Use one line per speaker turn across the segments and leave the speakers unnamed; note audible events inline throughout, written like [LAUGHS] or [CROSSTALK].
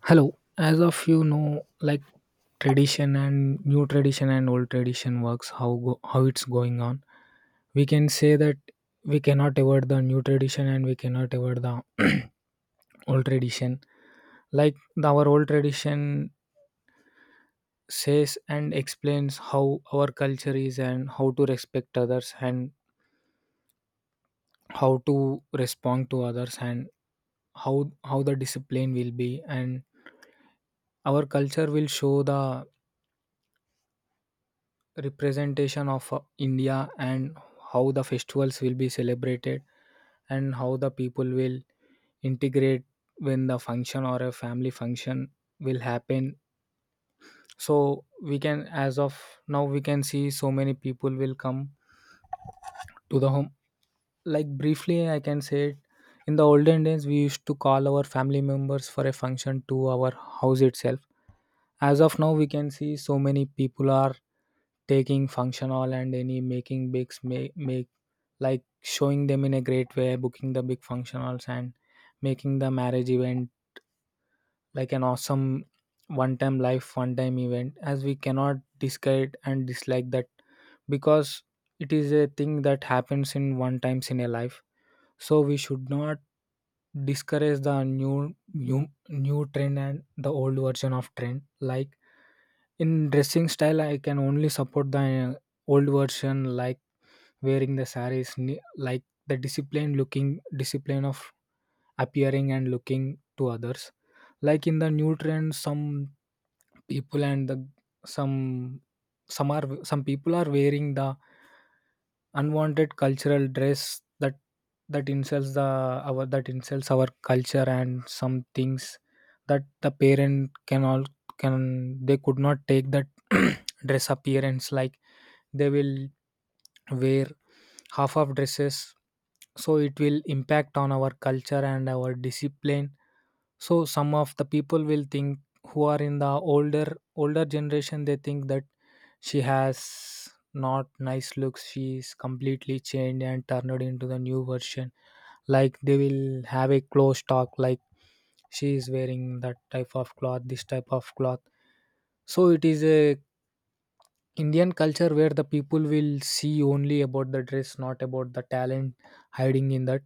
Hello. As of you know, like tradition and new tradition and old tradition works how it's going on. We can say that we cannot avoid the new tradition and we cannot avoid the [CLEARS THROAT] old tradition. Like our old tradition says and explains how our culture is and how to respect others and how to respond to others, and how the discipline will be and our culture will show the representation of India, and how the festivals will be celebrated and how the people will integrate when the function or a family function will happen. So we can, as of now, we can see so many people will come to the home. Like, briefly, I can say it: in the olden days we used to call our family members for a function to our house itself. As of now we can see so many people are taking functional and any making bigs make like showing them in a great way, booking the big functionals and making the marriage event like an awesome one time life, one time event, as we cannot discard and dislike that because it is a thing that happens in one times in a life. So we should not discourage the new trend and the old version of trend, like in dressing style, I can only support the old version, like wearing the saris, like the discipline looking, discipline of appearing and looking to others. Like in the new trend, some people and the some some are some people are wearing the unwanted cultural dress that that insults the our that insults our culture, and some things that the parent can all, can, they could not take that [CLEARS THROAT] dress appearance. Like they will wear half of dresses, so it will impact on our culture and our discipline. So some of the people will think, who are in the older generation, they think that she has not nice looks. She is completely changed and turned into the new version. Like they will have a close talk, like she is wearing that type of cloth, this type of cloth. So it is a Indian culture where the people will see only about the dress, not about the talent hiding in that.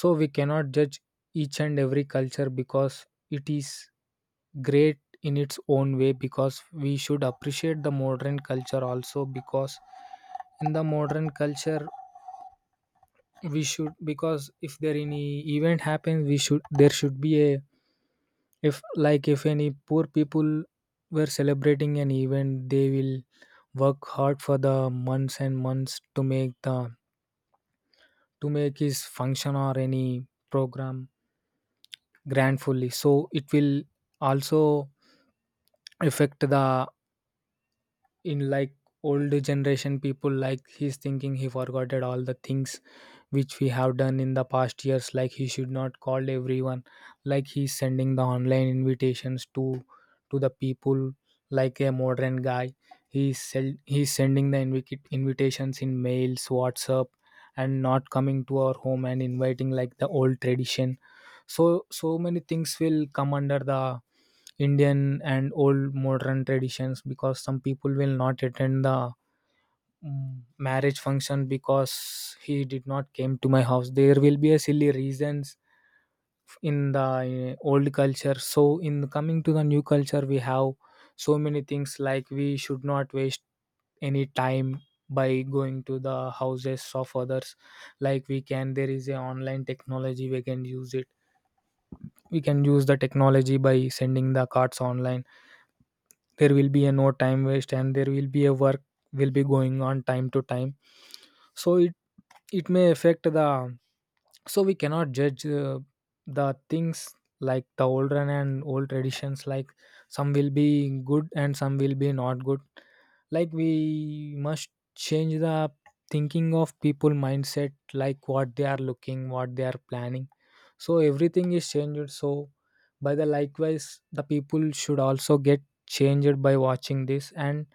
So we cannot judge each and every culture because it is great in its own way, because we should appreciate the modern culture also. Because in the modern culture, we should, because if there any event happens, we should, there should be a, if like, if any poor people were celebrating an event, they will work hard for the months and months to make his function or any program grandfully. So it will also affect the, in like, old generation people, like he's thinking, he forgot all the things which we have done in the past years, like he should not call everyone, like he's sending the online invitations to the people like a modern guy. He's he's sending the invitations in mails, WhatsApp, and not coming to our home and inviting like the old tradition. So so many things will come under the Indian and old modern traditions, because some people will not attend the marriage function because he did not came to my house. There will be a silly reasons in the old culture. So in coming to the new culture, we have so many things like we should not waste any time by going to the houses of others. Like we can, there is a online technology, we can use it. We can use the technology by sending the cards online. There will be a no time waste, and there will be a work will be going on time to time. So it may affect the. So we cannot judge the things like the olden and old traditions. Like some will be good and some will be not good. Like we must change the thinking of people mindset, like what they are looking, what they are planning. So everything is changed. So by the, likewise the people should also get changed by watching this, and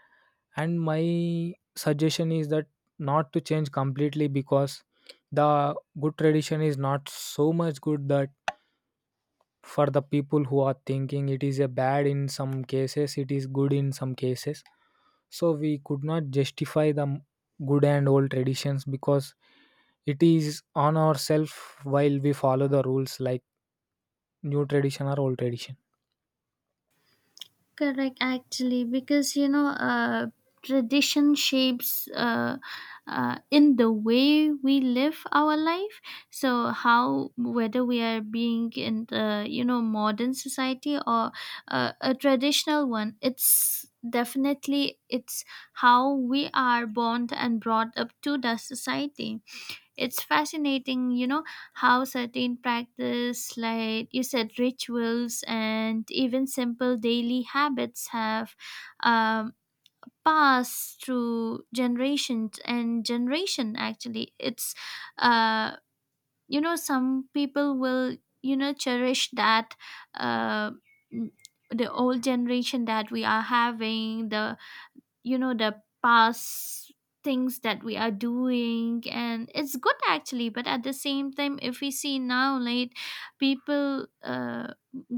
my suggestion is that not to change completely, because the good tradition is not so much good. That for the people who are thinking it is a bad, in some cases it is good, in some cases. So we could not justify the good and old traditions because it is on ourselves while we follow the rules, like new tradition or old tradition.
Correct, actually, because tradition shapes in the way we live our life. So, how whether we are being in the modern society or a traditional one, it's definitely it's how we are born and brought up to the society. It's fascinating, you know, how certain practice, like you said, rituals and even simple daily habits have um, passed through generations and generation. Actually, uh, some people will cherish that. Uh, n- the old generation that we are having, the the past things that we are doing, and it's good actually, but at the same time if we see now, like people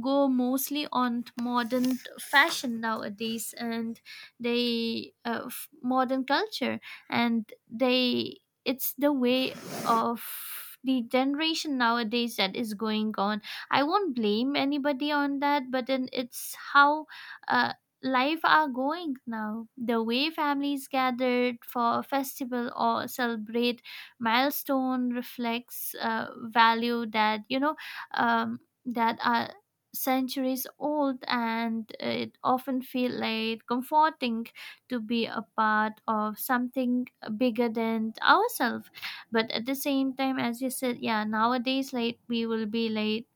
go mostly on modern fashion nowadays, and they modern culture, and they, it's the way of the generation nowadays that is going on. I won't blame anybody on that, but then it's how uh, life are going now. The way families gathered for a festival or celebrate milestone reflects value that um, that are centuries old, and it often feel like comforting to be a part of something bigger than ourselves. But at the same time, as you said, yeah, nowadays, like we will be like,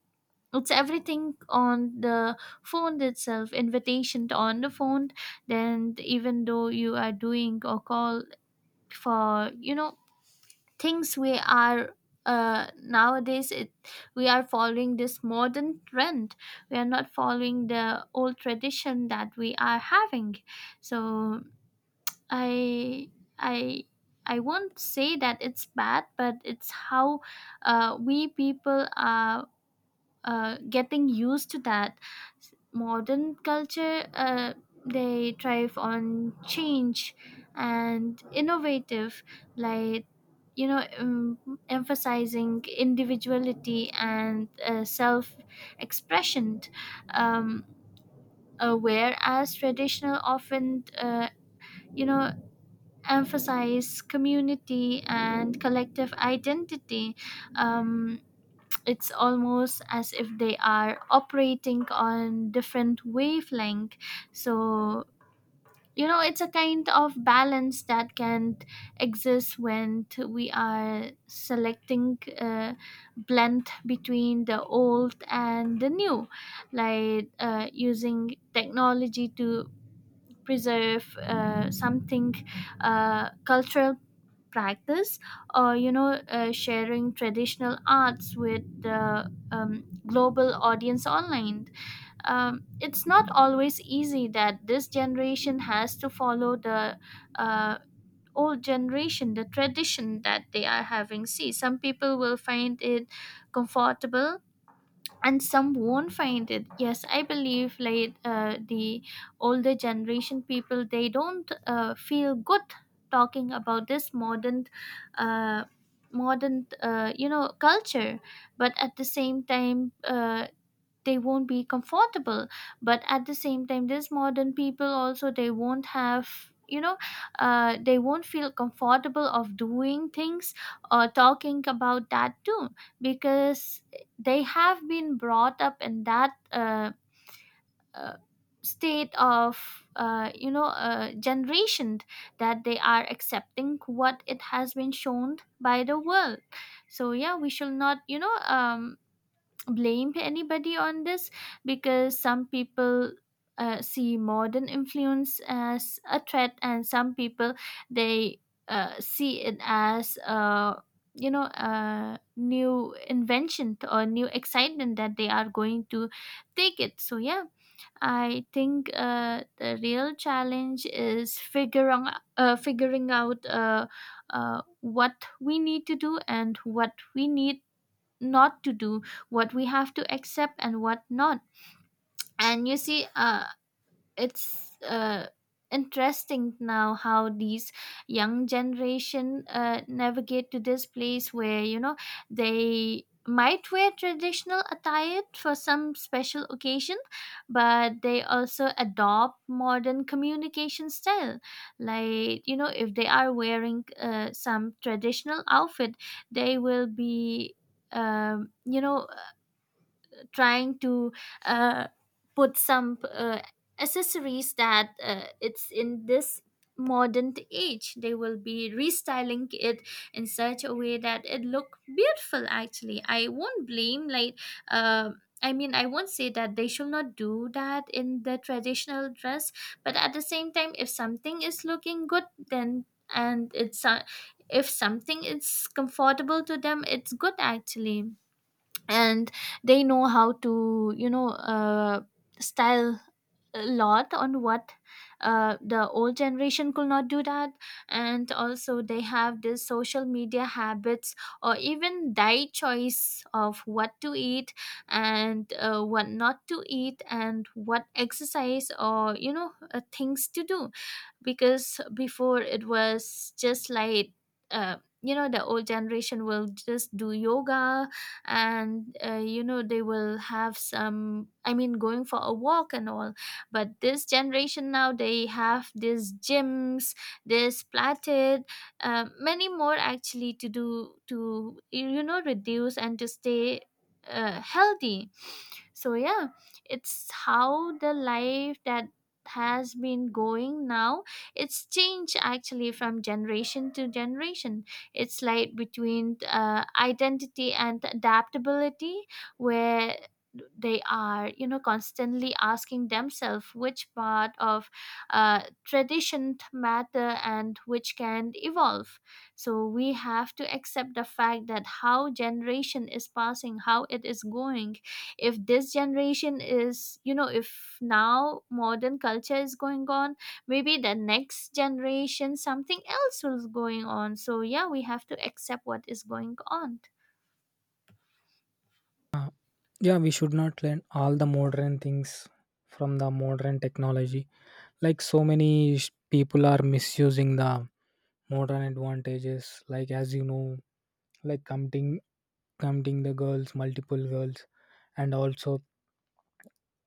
it's everything on the phone itself, invitation to on the phone, then even though you are doing a call for things we are, nowadays it, we are following this modern trend, we are not following the old tradition that we are having. So i i i won't say that it's bad, but it's how we people are getting used to that modern culture. They thrive on change and innovative, like, you know um, emphasizing individuality and self expression. um, Whereas traditional often you know emphasize community and collective identity. um, it's almost as if they are operating on different wavelength. So, you know, it's a kind of balance that can exist when we are selecting a blend between the old and the new, like using technology to preserve something cultural practice, or you know sharing traditional arts with the global audience online. It's not always easy that this generation has to follow the uh, old generation, the tradition that they are having. See, some people will find it comfortable and some won't find it. Yes, I believe, like the older generation people, they don't feel good talking about this modern uh, modern culture, but at the same time they won't be comfortable. But at the same time, these modern people also, they won't have, you know, they won't feel comfortable of doing things or talking about that too, because they have been brought up in that uh, state of generation, that they are accepting what it has been shown by the world. So yeah, we shall not, blame anybody on this, because some people see modern influence as a threat, and some people, they see it as a, you know, a new invention or new excitement that they are going to take it. So yeah, I think the real challenge is figuring out what we need to do and what we need not to do, what we have to accept and what not. And you see, it's interesting now how these young generation navigate to this place where, you know, they might wear traditional attire for some special occasion, but they also adopt modern communication style. Like, you know, if they are wearing some traditional outfit, they will be, um, you know trying to uh, put some accessories that it's in this modern age, they will be restyling it in such a way that it look beautiful. Actually, I won't blame, like, uh, I mean, I won't say that they should not do that in the traditional dress, but at the same time, if something is looking good, then, and it's if something is comfortable to them, it's good actually. And they know how to, you know, style a lot on what the old generation could not do that. And also, they have this social media habits or even diet choice of what to eat, and what not to eat, and what exercise, or you know things to do. Because before it was just like, you know, the old generation will just do yoga, and you know, they will have some, I mean, going for a walk and all. But this generation now, they have these gyms, this platted, many more actually to do, to you know, reduce and to stay healthy. So yeah, it's how the life that has been going now, it's changed actually from generation to generation. It's like between identity and adaptability, where they are, you know, constantly asking themselves which part of tradition matter and which can evolve. So we have to accept the fact that how generation is passing, how it is going. If this generation is, you know, if now modern culture is going on, maybe the next generation something else is going on. So yeah, we have to accept what is going on.
Uh, yeah, we should not learn all the modern things from the modern technology. Like so many people are misusing the modern advantages. Like, as you know, like counting the girls, multiple girls, and also.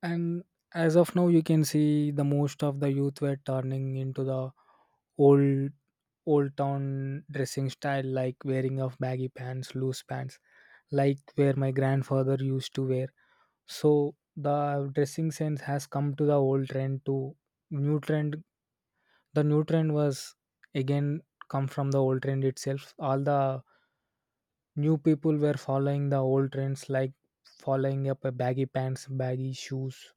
And as of now you can see the most of the youth were turning into the old old town dressing style, like wearing of baggy pants, loose pants, like where my grandfather used to wear. So the dressing sense has come to the old trend, to new trend. The new trend was again come from the old trend itself. All the new people were following the old trends, like following up a baggy pants, baggy shoes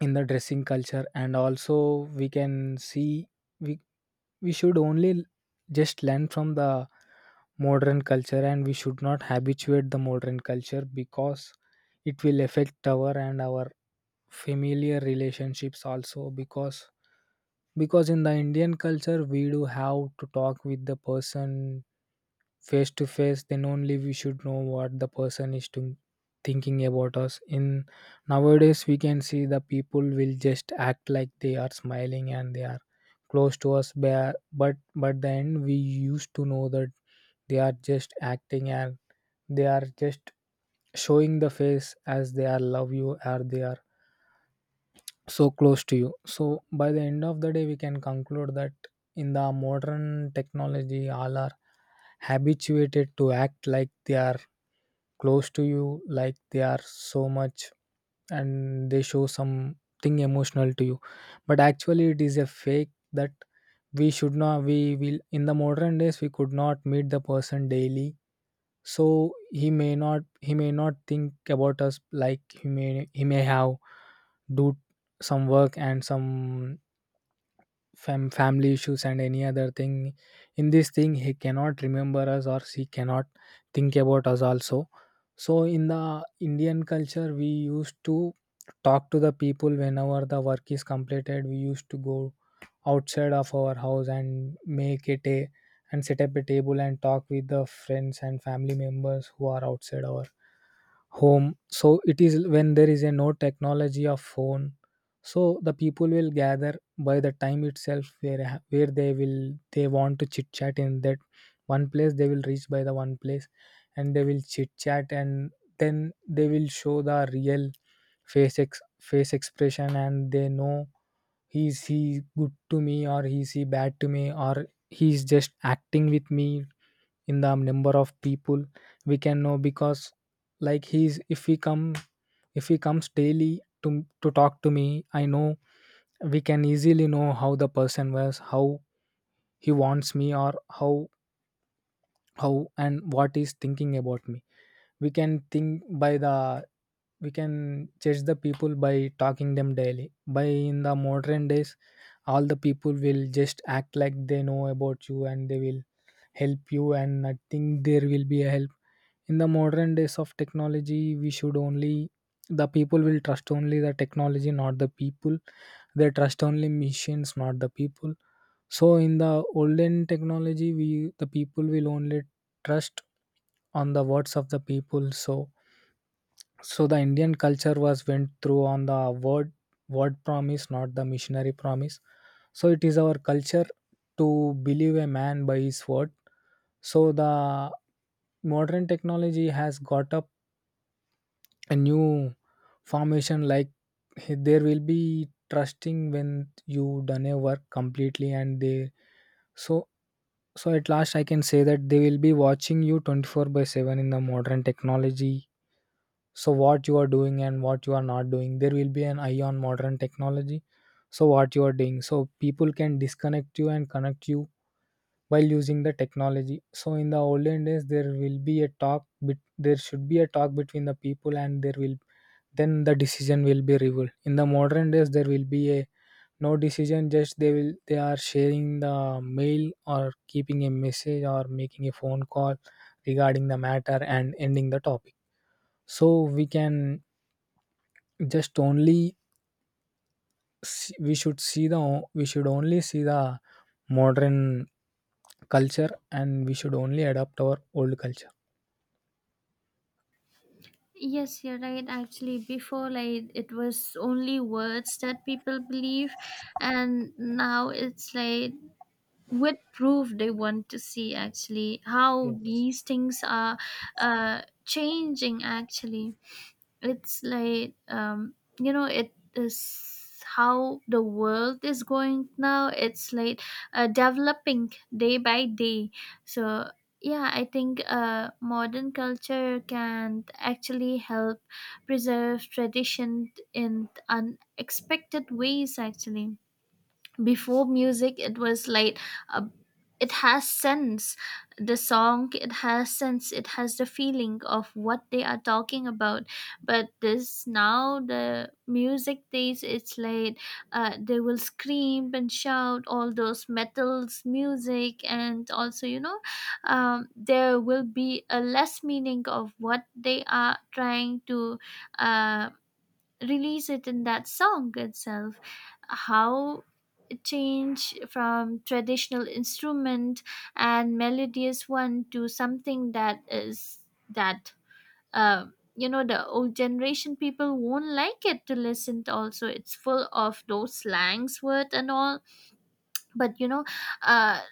in the dressing culture. And also we can see, we we should only just learn from the modern culture and we should not habituate the modern culture, because it will affect our and our familiar relationships also. Because in the Indian culture we do have to talk with the person face to face, then only we should know what the person is to thinking about us. In nowadays we can see the people will just act like they are smiling and they are close to us. But then we used to know that they are just acting, and they are just showing the face as they are love you, or they are so close to you. So by the end of the day we can conclude that in the modern technology all are habituated to act like they are close to you, like they are so much, and they show something emotional to you, but actually it is a fake. That we should not, we will, in the modern days we could not meet the person daily, so he may not think about us. Like he may have do some work and some family issues and any other thing. In this thing he cannot remember us, or she cannot think about us also. So in the Indian culture we used to talk to the people. Whenever the work is completed, we used to go outside of our house and make it a, and set up a table and talk with the friends and family members who are outside our home. So it is, when there is a no technology of phone, so the people will gather by the time itself where, where they want to chit chat. In that one place they will reach by the one place, and they will chit chat, and then they will show the real face, face expression, and they know, he's he good to me, or he's he bad to me, or he's just acting with me. In the number of people we can know, because like he's, if he comes daily to to talk to me, I know. We can easily know how the person was, how he wants me, or how how and what he's thinking about me. We can think by the, we can judge the people by talking them daily. By in the modern days all the people will just act like they know about you and they will help you, and I think there will be a help. In the modern days of technology we should only, the people will trust only the technology, not the people. They trust only machines, not the people. So in the olden technology we, the people will only trust on the words of the people. So so the Indian culture was went through on the word word promise, not the missionary promise. So it is our culture to believe a man by his word. So the modern technology has got up a new formation, like there will be trusting when you done a work completely, and they. So so at last I can say that they will be watching you 24 by 7 in the modern technology. So what you are doing and what you are not doing, there will be an eye on modern technology. So what you are doing, so people can disconnect you and connect you while using the technology. So in the olden days there will be a talk there should be a talk between the people, and there will then the decision will be revealed. In the modern Days there will be a no decision. Just they will they are sharing the mail or keeping a message or making a phone call regarding the matter and ending the topic. So we can just only we should see the we should only see the modern culture, and we should only adopt our old culture.
Yes, you're right. Actually, before, like it was only words that people believe, and now it's like with proof they want to see actually how
Yes.
these things are changing actually. It's like you know, it is how the world is going now. It's like developing day by day. So yeah, I think modern culture can actually help preserve tradition in unexpected ways actually. Before music, it was like uh, it has sense, the song, it has sense, it has the feeling of what they are talking about. But this now, the music days, it's like they will scream and shout all those metals music, and also you know there will be a less meaning of what they are trying to uh, release it in that song itself. How change from traditional instrument and melodious one to something that is, that uh, you know, the old generation people won't like it to listen to, also it's full of those slangs word and all. But you know, uh,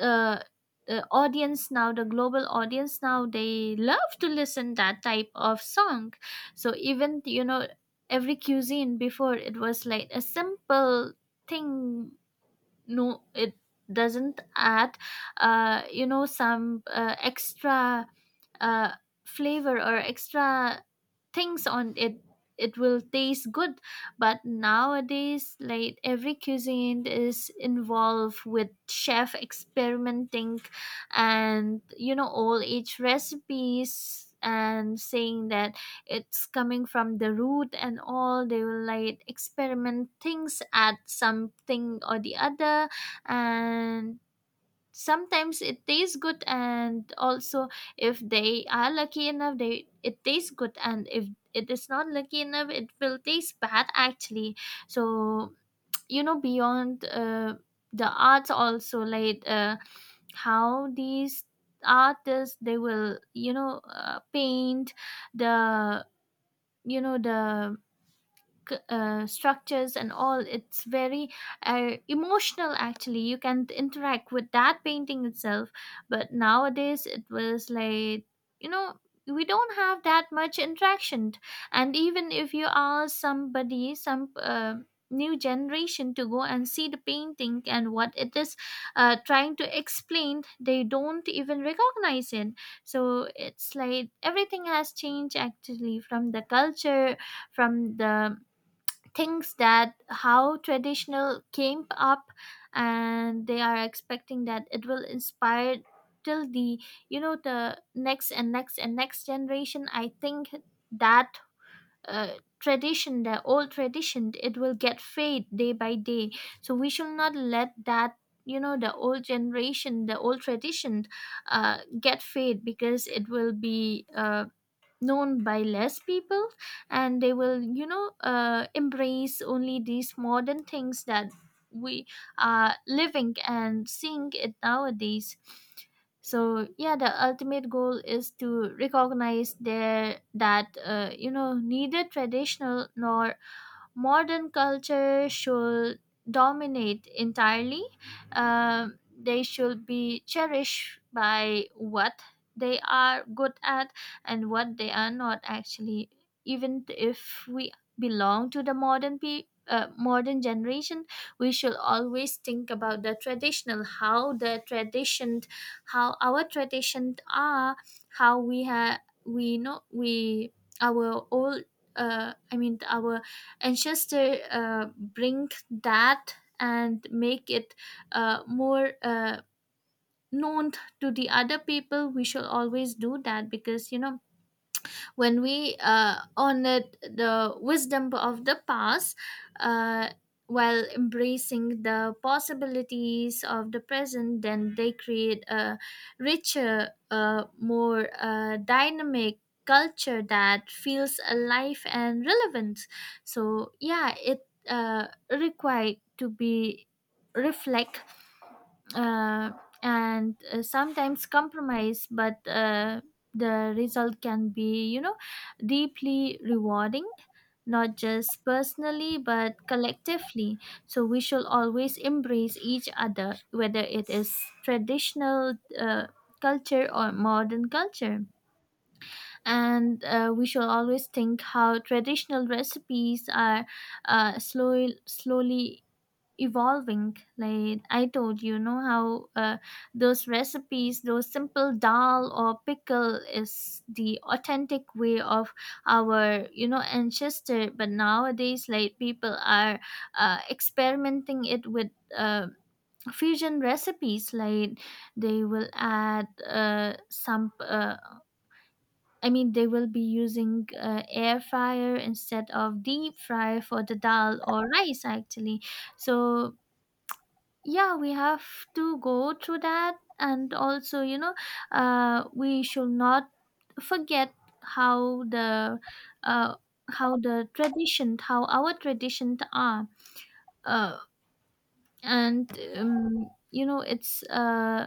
uh, audience now, the global audience now, they love to listen that type of song. So even you know, every cuisine before, it was like a simple thing, no, it doesn't add you know, some extra uh, flavor or extra things on it, it will taste good. But nowadays, like every cuisine is involved with chef experimenting, and you know, all age recipes and saying that it's coming from the root and all, they will like experiment things, add something or the other, and sometimes it tastes good. And also, if they are lucky enough, they, it tastes good, and if it is not lucky enough, it will taste bad actually. So you know, beyond the arts also, like how these artists, they will, you know, paint the, you know, the structures and all. It's very emotional actually, you can interact with that painting itself. But nowadays it was like, you know, we don't have that much interaction. And even if you ask somebody, some new generation to go and see the painting, and what it is trying to explain, they don't even recognize it. So it's like everything has changed actually, from the culture, from the thinks that how traditional came up, and they are expecting that it will inspire till the, you know, the next and next and next generation. I think that tradition, the old tradition, it will get fade day by day. So we should not let that, you know, the old generation, the old tradition get fade, because it will be known by less people, and they will, you know, embrace only these modern things that we are living and seeing it nowadays. So yeah, the ultimate goal is to recognize there that you know, neither traditional nor modern culture should dominate entirely. They should be cherished by what they are good at and what they are not actually. Even if we belong to the modern generation, we should always think about the traditional, how the tradition, how our traditions are, how we have, we know, we, our old, our, and just to bring that and make it more known to the other people. We should always do that, because you know, when we honored the wisdom of the past uh, while embracing the possibilities of the present, then they create a richer, more dynamic culture that feels alive and relevant. So, yeah, it required to be reflect uh, and sometimes compromise, but the result can be, deeply rewarding, not just personally but collectively. So we should always embrace each other, whether it is traditional culture or modern culture. And we should always think how traditional recipes are slowly slowly evolving. Like I told, how those recipes, those simple dal or pickle, is the authentic way of our, ancestor. But nowadays, like, people are experimenting it with uh, fusion recipes, like they will add some I mean, they will be using air fryer instead of deep fry for the dal or rice, actually. So, yeah, we have to go through that. And also, we should not forget how the uh, tradition, how our tradition are. uh, and you know, it's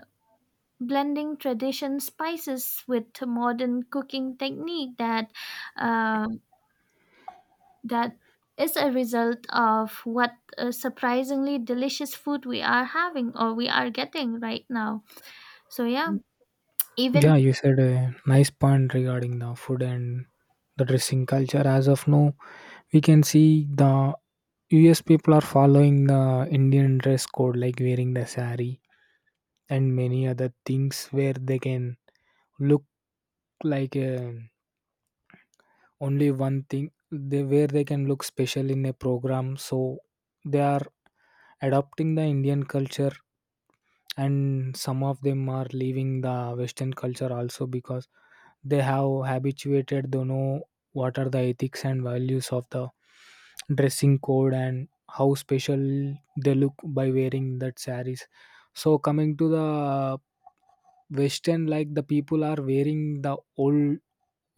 blending tradition spices with modern cooking technique, that uh, that is a result of what surprisingly delicious food we are having, or we are getting right now. So, yeah. Even,
Yeah, you said a nice point regarding the food and the dressing culture. As of now, we can see the US people are following the Indian dress code, like wearing the sari and many other things where they can look like uh, only one thing, they, where they can look special in a program. So they are adopting the Indian culture, and some of them are leaving the Western culture also, because they have habituated to know what are the ethics and values of the dressing code and how special they look by wearing that saris. So coming to the Western, like the people are wearing the old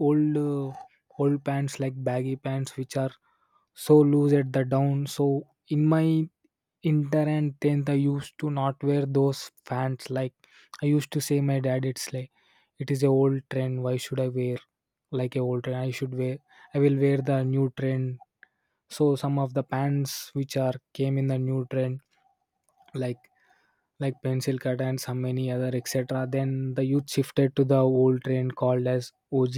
old uh, old pants, like baggy pants which are so loose at the down. So in my inter and 10th, I used to not wear those pants. Like I used to say my dad, it's like it is a old trend, why should I wear like a old trend? I should wear, I will wear the new trend. So some of the pants which are came in the new trend, like pencil cut and some many other etc, then the youth shifted to the old trend called as og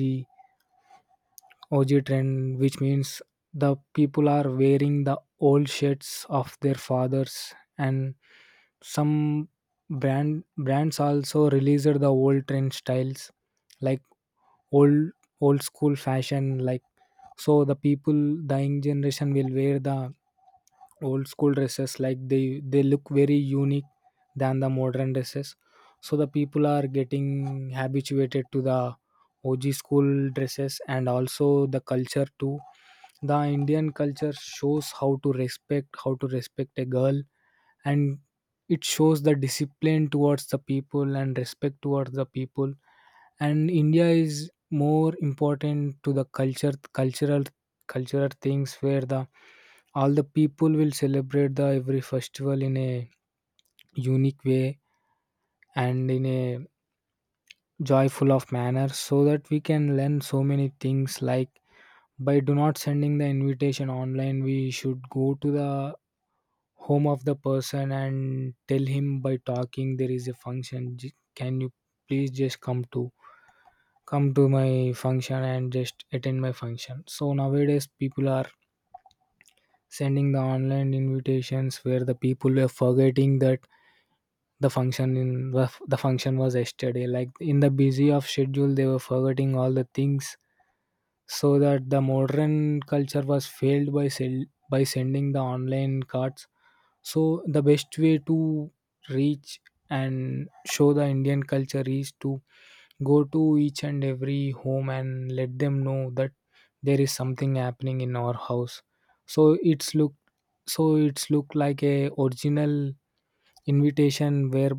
OG trend, which means the people are wearing the old shirts of their fathers, and some brands also released the old trend styles, like old school fashion. Like so, the people, the young generation will wear the old school dresses, like they look very unique than the modern dresses. So the people are getting habituated to the OG school dresses and also the culture too. The Indian culture shows how to respect a girl, and it shows the discipline towards the people and respect towards the people. And India is more important to the culture, cultural cultural things, where the all the people will celebrate the every festival in a unique way and in a joyful of manner, so that we can learn so many things, like by do not sending the invitation online, we should go to the home of the person and tell him by talking there is a function. J- can you please just come to come to my function and just attend my function. So nowadays people are sending the online invitations, where the people were forgetting that the function was yesterday, like in the busy of schedule they were forgetting all the things. So that the modern culture was failed by sending the online cards. So the best way to reach and show the Indian culture is to go to each and every home and let them know that there is something happening in our house. So it's look so it's look like a original invitation, where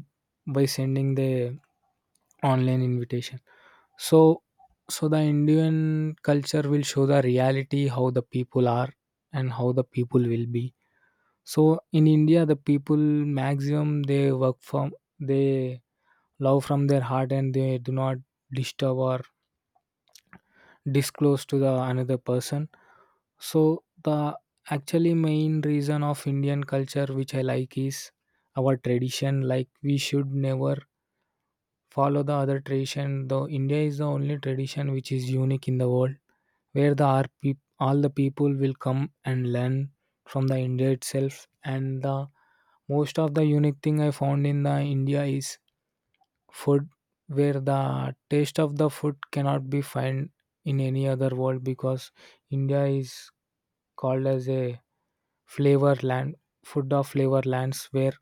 by sending the online invitation. So so the Indian culture will show the reality how the people are and how the people will be. So in India the people maximum they work from they love from their heart, and they do not disturb or disclose to the another person. So the actually main reason of Indian culture which I like is our tradition. Like we should never follow the other tradition, though India is the only tradition which is unique in the world, where the all the people will come and learn from the India itself. And the most of the unique thing I found in the India is food, where the taste of the food cannot be found in any other world, because India is called as a flavor land, food of flavor lands, where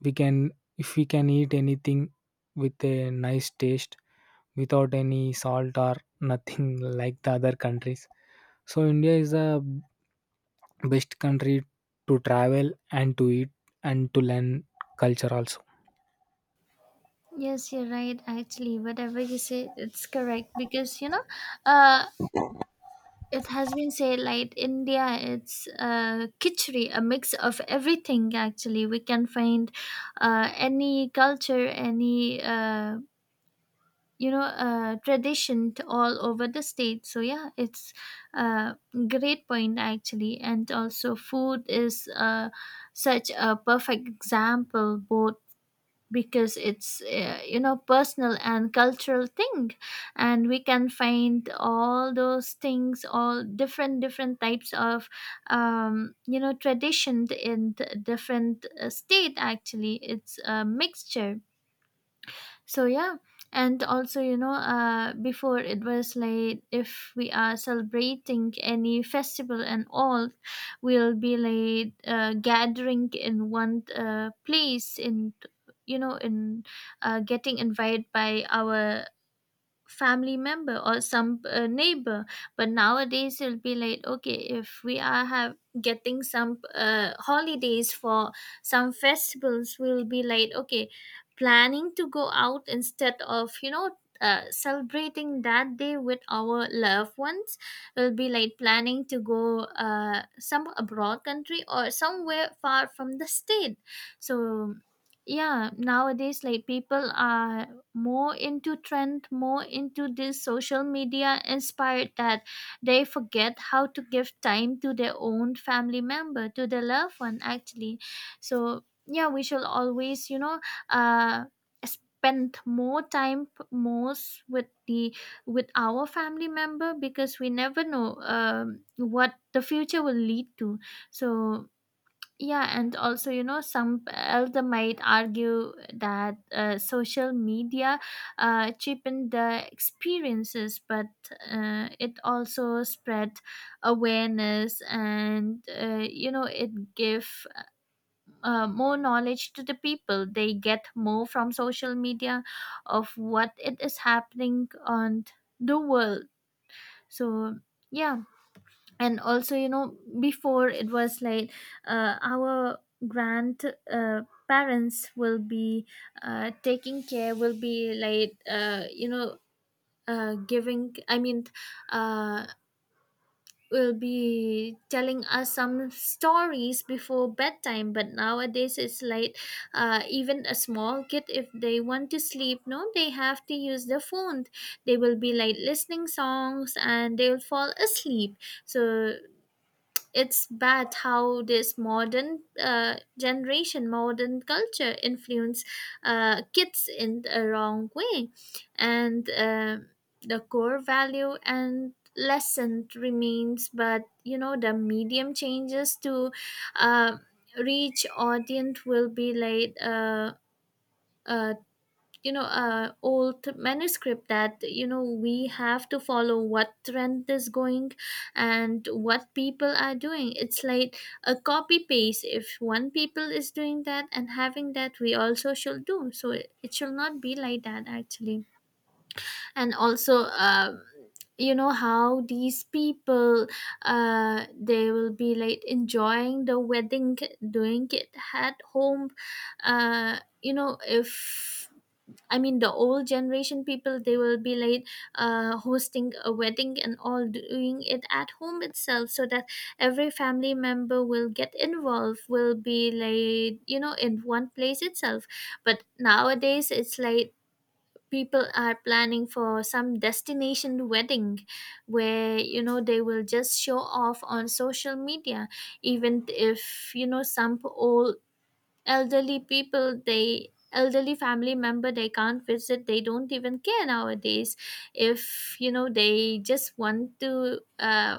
we can if we can eat anything with a nice taste without any salt or nothing [LAUGHS] like the other countries. So India is the best country to travel and to eat and to learn culture also.
yes, you're right, actually. Whatever you say, it's correct, because, you know, uh it has been said, like, India, it's khichdi, a mix of everything. Actually, we can find any culture, any you know, tradition, to all over the state. So, yeah, it's a great point, actually. And also, food is such a perfect example, both, because it's you know, personal and cultural thing. And we can find all those things, all different different types of, you know, tradition in different state, actually. It's a mixture. So, yeah. And also, you know, before, it was like, if we are celebrating any festival and all, we'll be like gathering in one place, in, you know, in, getting invited by our family member or some neighbor. But nowadays, it'll be like, okay, if we are have getting some holidays for some festivals, we'll be like, okay, planning to go out instead of, you know, celebrating that day with our loved ones. Will be like planning to go some abroad country or somewhere far from the state. So, yeah, nowadays, like, people are more into trend, more into this social media inspired, that they forget how to give time to their own family member, to their loved one, actually. So, yeah, we shall always, you know, uh spend more time, most with the, with our family member, because we never know what the future will lead to. So, yeah. And also, you know, some elder might argue that social media cheapened the experiences, but it also spread awareness, and, you know, it give more knowledge to the people. They get more from social media of what it is happening on the world. So, yeah. And also, you know, before, it was like our grand uh, parents will be taking care, will be like, you know, giving, I mean, uh, will be telling us some stories before bedtime. But nowadays, it's like even a small kid, if they want to sleep, no, they have to use the phone. They will be like listening songs, and they'll fall asleep. So it's bad how this modern generation, modern culture influence kids in the wrong way. And the core value and lesson remains. But, you know, the medium changes to uh, reach audience, will be like uh, you know, old manuscript. That, you know, we have to follow what trend is going and what people are doing. It's like a copy paste. If one people is doing that and having that, we also should do. So it should not be like that, actually. And also you know, how these people, they will be like enjoying the wedding, doing it at home. You know, if, I mean, the old generation people, they will be like hosting a wedding and all, doing it at home itself, so that every family member will get involved, will be like, you know, in one place itself. But nowadays, it's like people are planning for some destination wedding, where, you know, they will just show off on social media. Even if, you know, some old elderly people, they elderly family member, they can't visit, they don't even care nowadays. If, you know, they just want to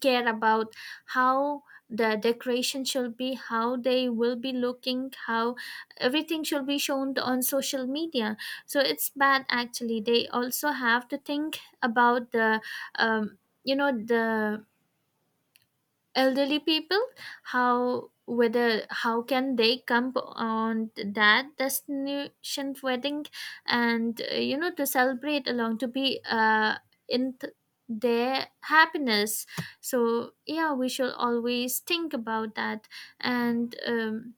care about how the decoration should be, how they will be looking, how everything should be shown on social media. So it's bad, actually. They also have to think about the, um, you know, the elderly people, how, whether how can they come on that destination wedding, and you know, to celebrate along, to be in their happiness. So, yeah, we should always think about that. And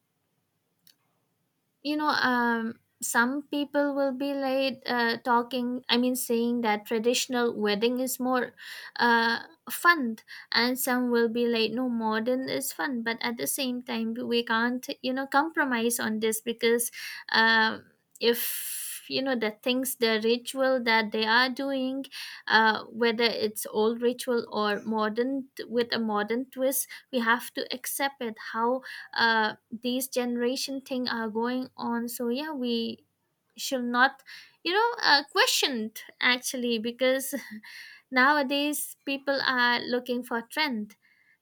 you know, some people will be like talking, I mean, saying that traditional wedding is more uh, fun, and some will be like, no, modern is fun. But at the same time, we can't, you know, compromise on this, because, um, if, you know, the things, the ritual that they are doing, whether it's old ritual or modern, with a modern twist, we have to accept it. How uh, these generation thing are going on. So, yeah, we should not, you know, questioned, actually, because [LAUGHS] nowadays people are looking for trend.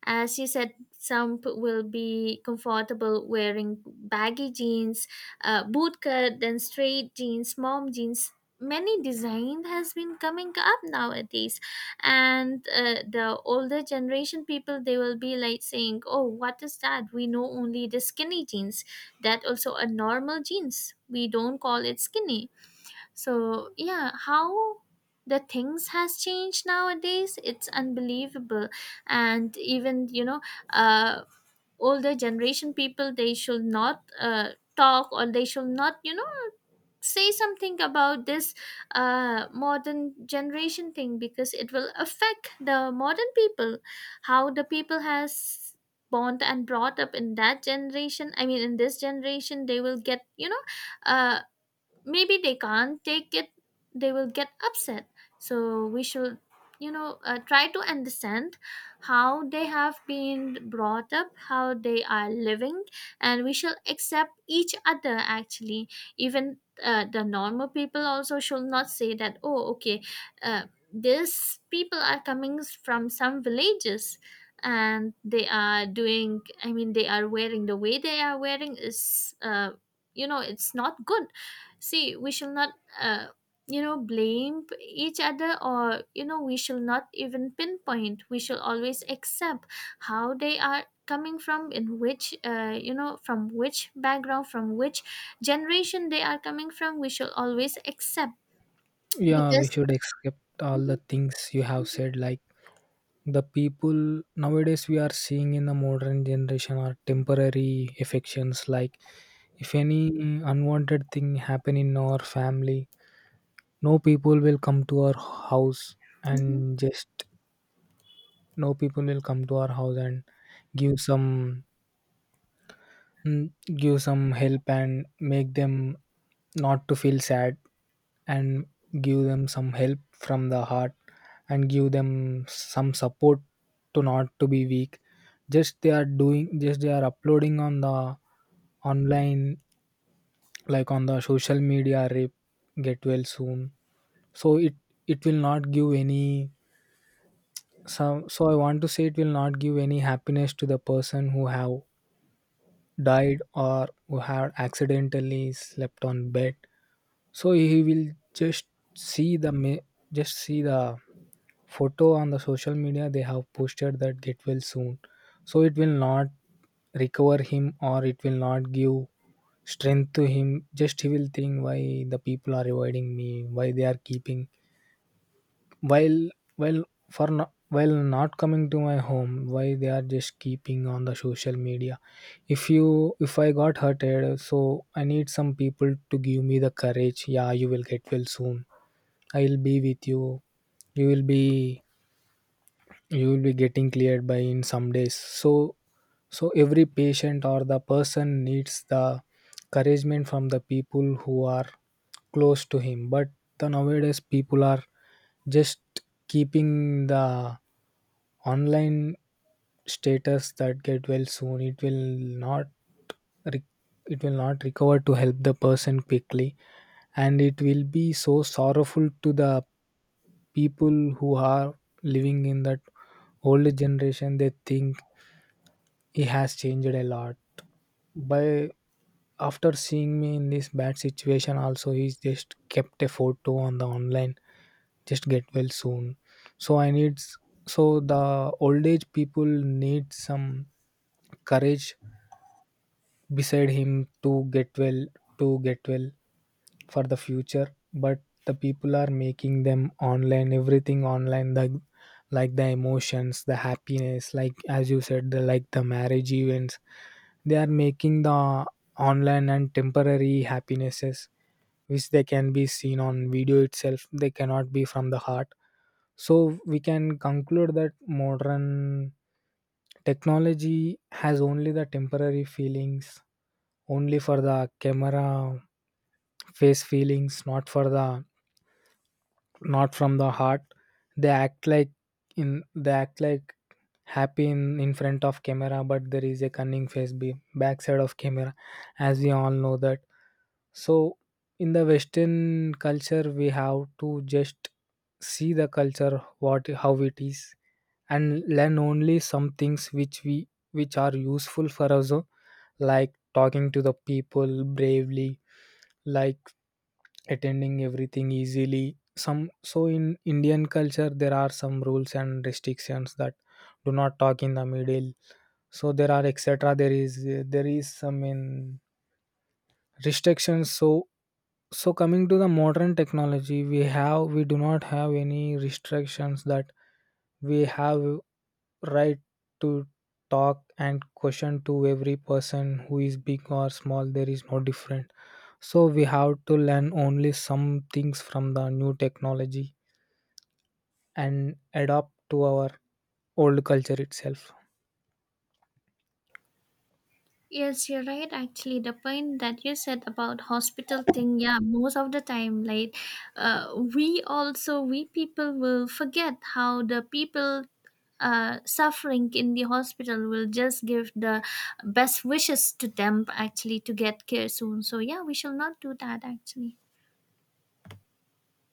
As you said, some will be comfortable wearing baggy jeans, bootcut, then straight jeans, mom jeans. Many design has been coming up nowadays, and the older generation people, they will be like saying, "Oh, what is that? We know only the skinny jeans. That also are normal jeans. We don't call it skinny." So, yeah, how the things has changed nowadays, it's unbelievable. And even, you know, uh older generation people, they should not talk, or they should not, you know, say something about this modern generation thing, because it will affect the modern people. How the people has born and brought up in that generation, I mean, in this generation, they will get, you know, uh maybe they can't take it, they will get upset. So we should, you know, try to understand how they have been brought up, how they are living, and we shall accept each other, actually. Even the normal people also should not say that, oh, okay, uh, these people are coming from some villages, and they are doing I mean, they are wearing, the way they are wearing is, you know, it's not good. See, we shall not, uh, you know, blame each other, or, you know, we shall not even pinpoint, we shall always accept how they are coming from, in which, you know, from which background, from which generation they are coming from, we shall always accept.
Yeah, we
Because,
should accept all the things you have said. Like the people nowadays we are seeing in the modern generation are temporary affections. Like if any unwanted thing happen in our family, no people will come to our house
mhm.
and just no people will come to our house and give some mm, give some help and make them not to feel sad, and give them some help from the heart, and give them some support to not to be weak. Just they are doing, just they are uploading on the online, like on the social media, rip, get well soon. So it will not give any some so I want to say, it will not give any happiness to the person who have died or who had accidentally slept on bed. So he will just see the ma- just see the photo on the social media they have posted that get well soon. So it will not recover him or it will not give strength to him just he will think why the people are avoiding me why they are keeping while while for no, while not coming to my home why they are just keeping on the social media if you if I got hurted so I need some people to give me the courage yeah you will get well soon I'll be with you you will be you will be getting cleared by in some days so so every patient or the person needs the encouragement from the people who are close to him but the nowadays people are just keeping the online status that get well soon it will not re- it will not recover to help the person quickly. And it will be so sorrowful to the people who are living in that older generation. They think he has changed a lot by after seeing me in this bad situation also, he's just kept a photo on the online, just get well soon. so i need s- so the old age people need some courage beside him to get well, to get well for the future. But the people are making them online, everything online, the like the emotions, the happiness, like as you said, the like the marriage events, they are making the online and temporary happinesses, which they can be seen on video itself, they cannot be from the heart. So we can conclude that modern technology has only the temporary feelings, only for the camera face feelings, not for the not from the heart. They act like in they act like happy in front of camera, but there is a cunning face be backside of camera, as we all know that. So in the Western culture, we have to just see the culture what how it is, and learn only some things which we which are useful for us, like talking to the people bravely, like attending everything easily. Some so in Indian culture there are some rules and restrictions that do not talk in the middle. So there are etc, there is some in restrictions. So coming to the modern technology, we do not have any restrictions, that we have right to talk and question to every person who is big or small, there is no different. So we have to learn only some things from the new technology and adapt to our old culture itself.
Yes, you're right. Actually, the point that you said about hospital thing, yeah, most of the time, like, we also, we people will forget how the people suffering in the hospital, will just give the best wishes to them, actually, to get care soon. So, yeah, we shall not do that, actually.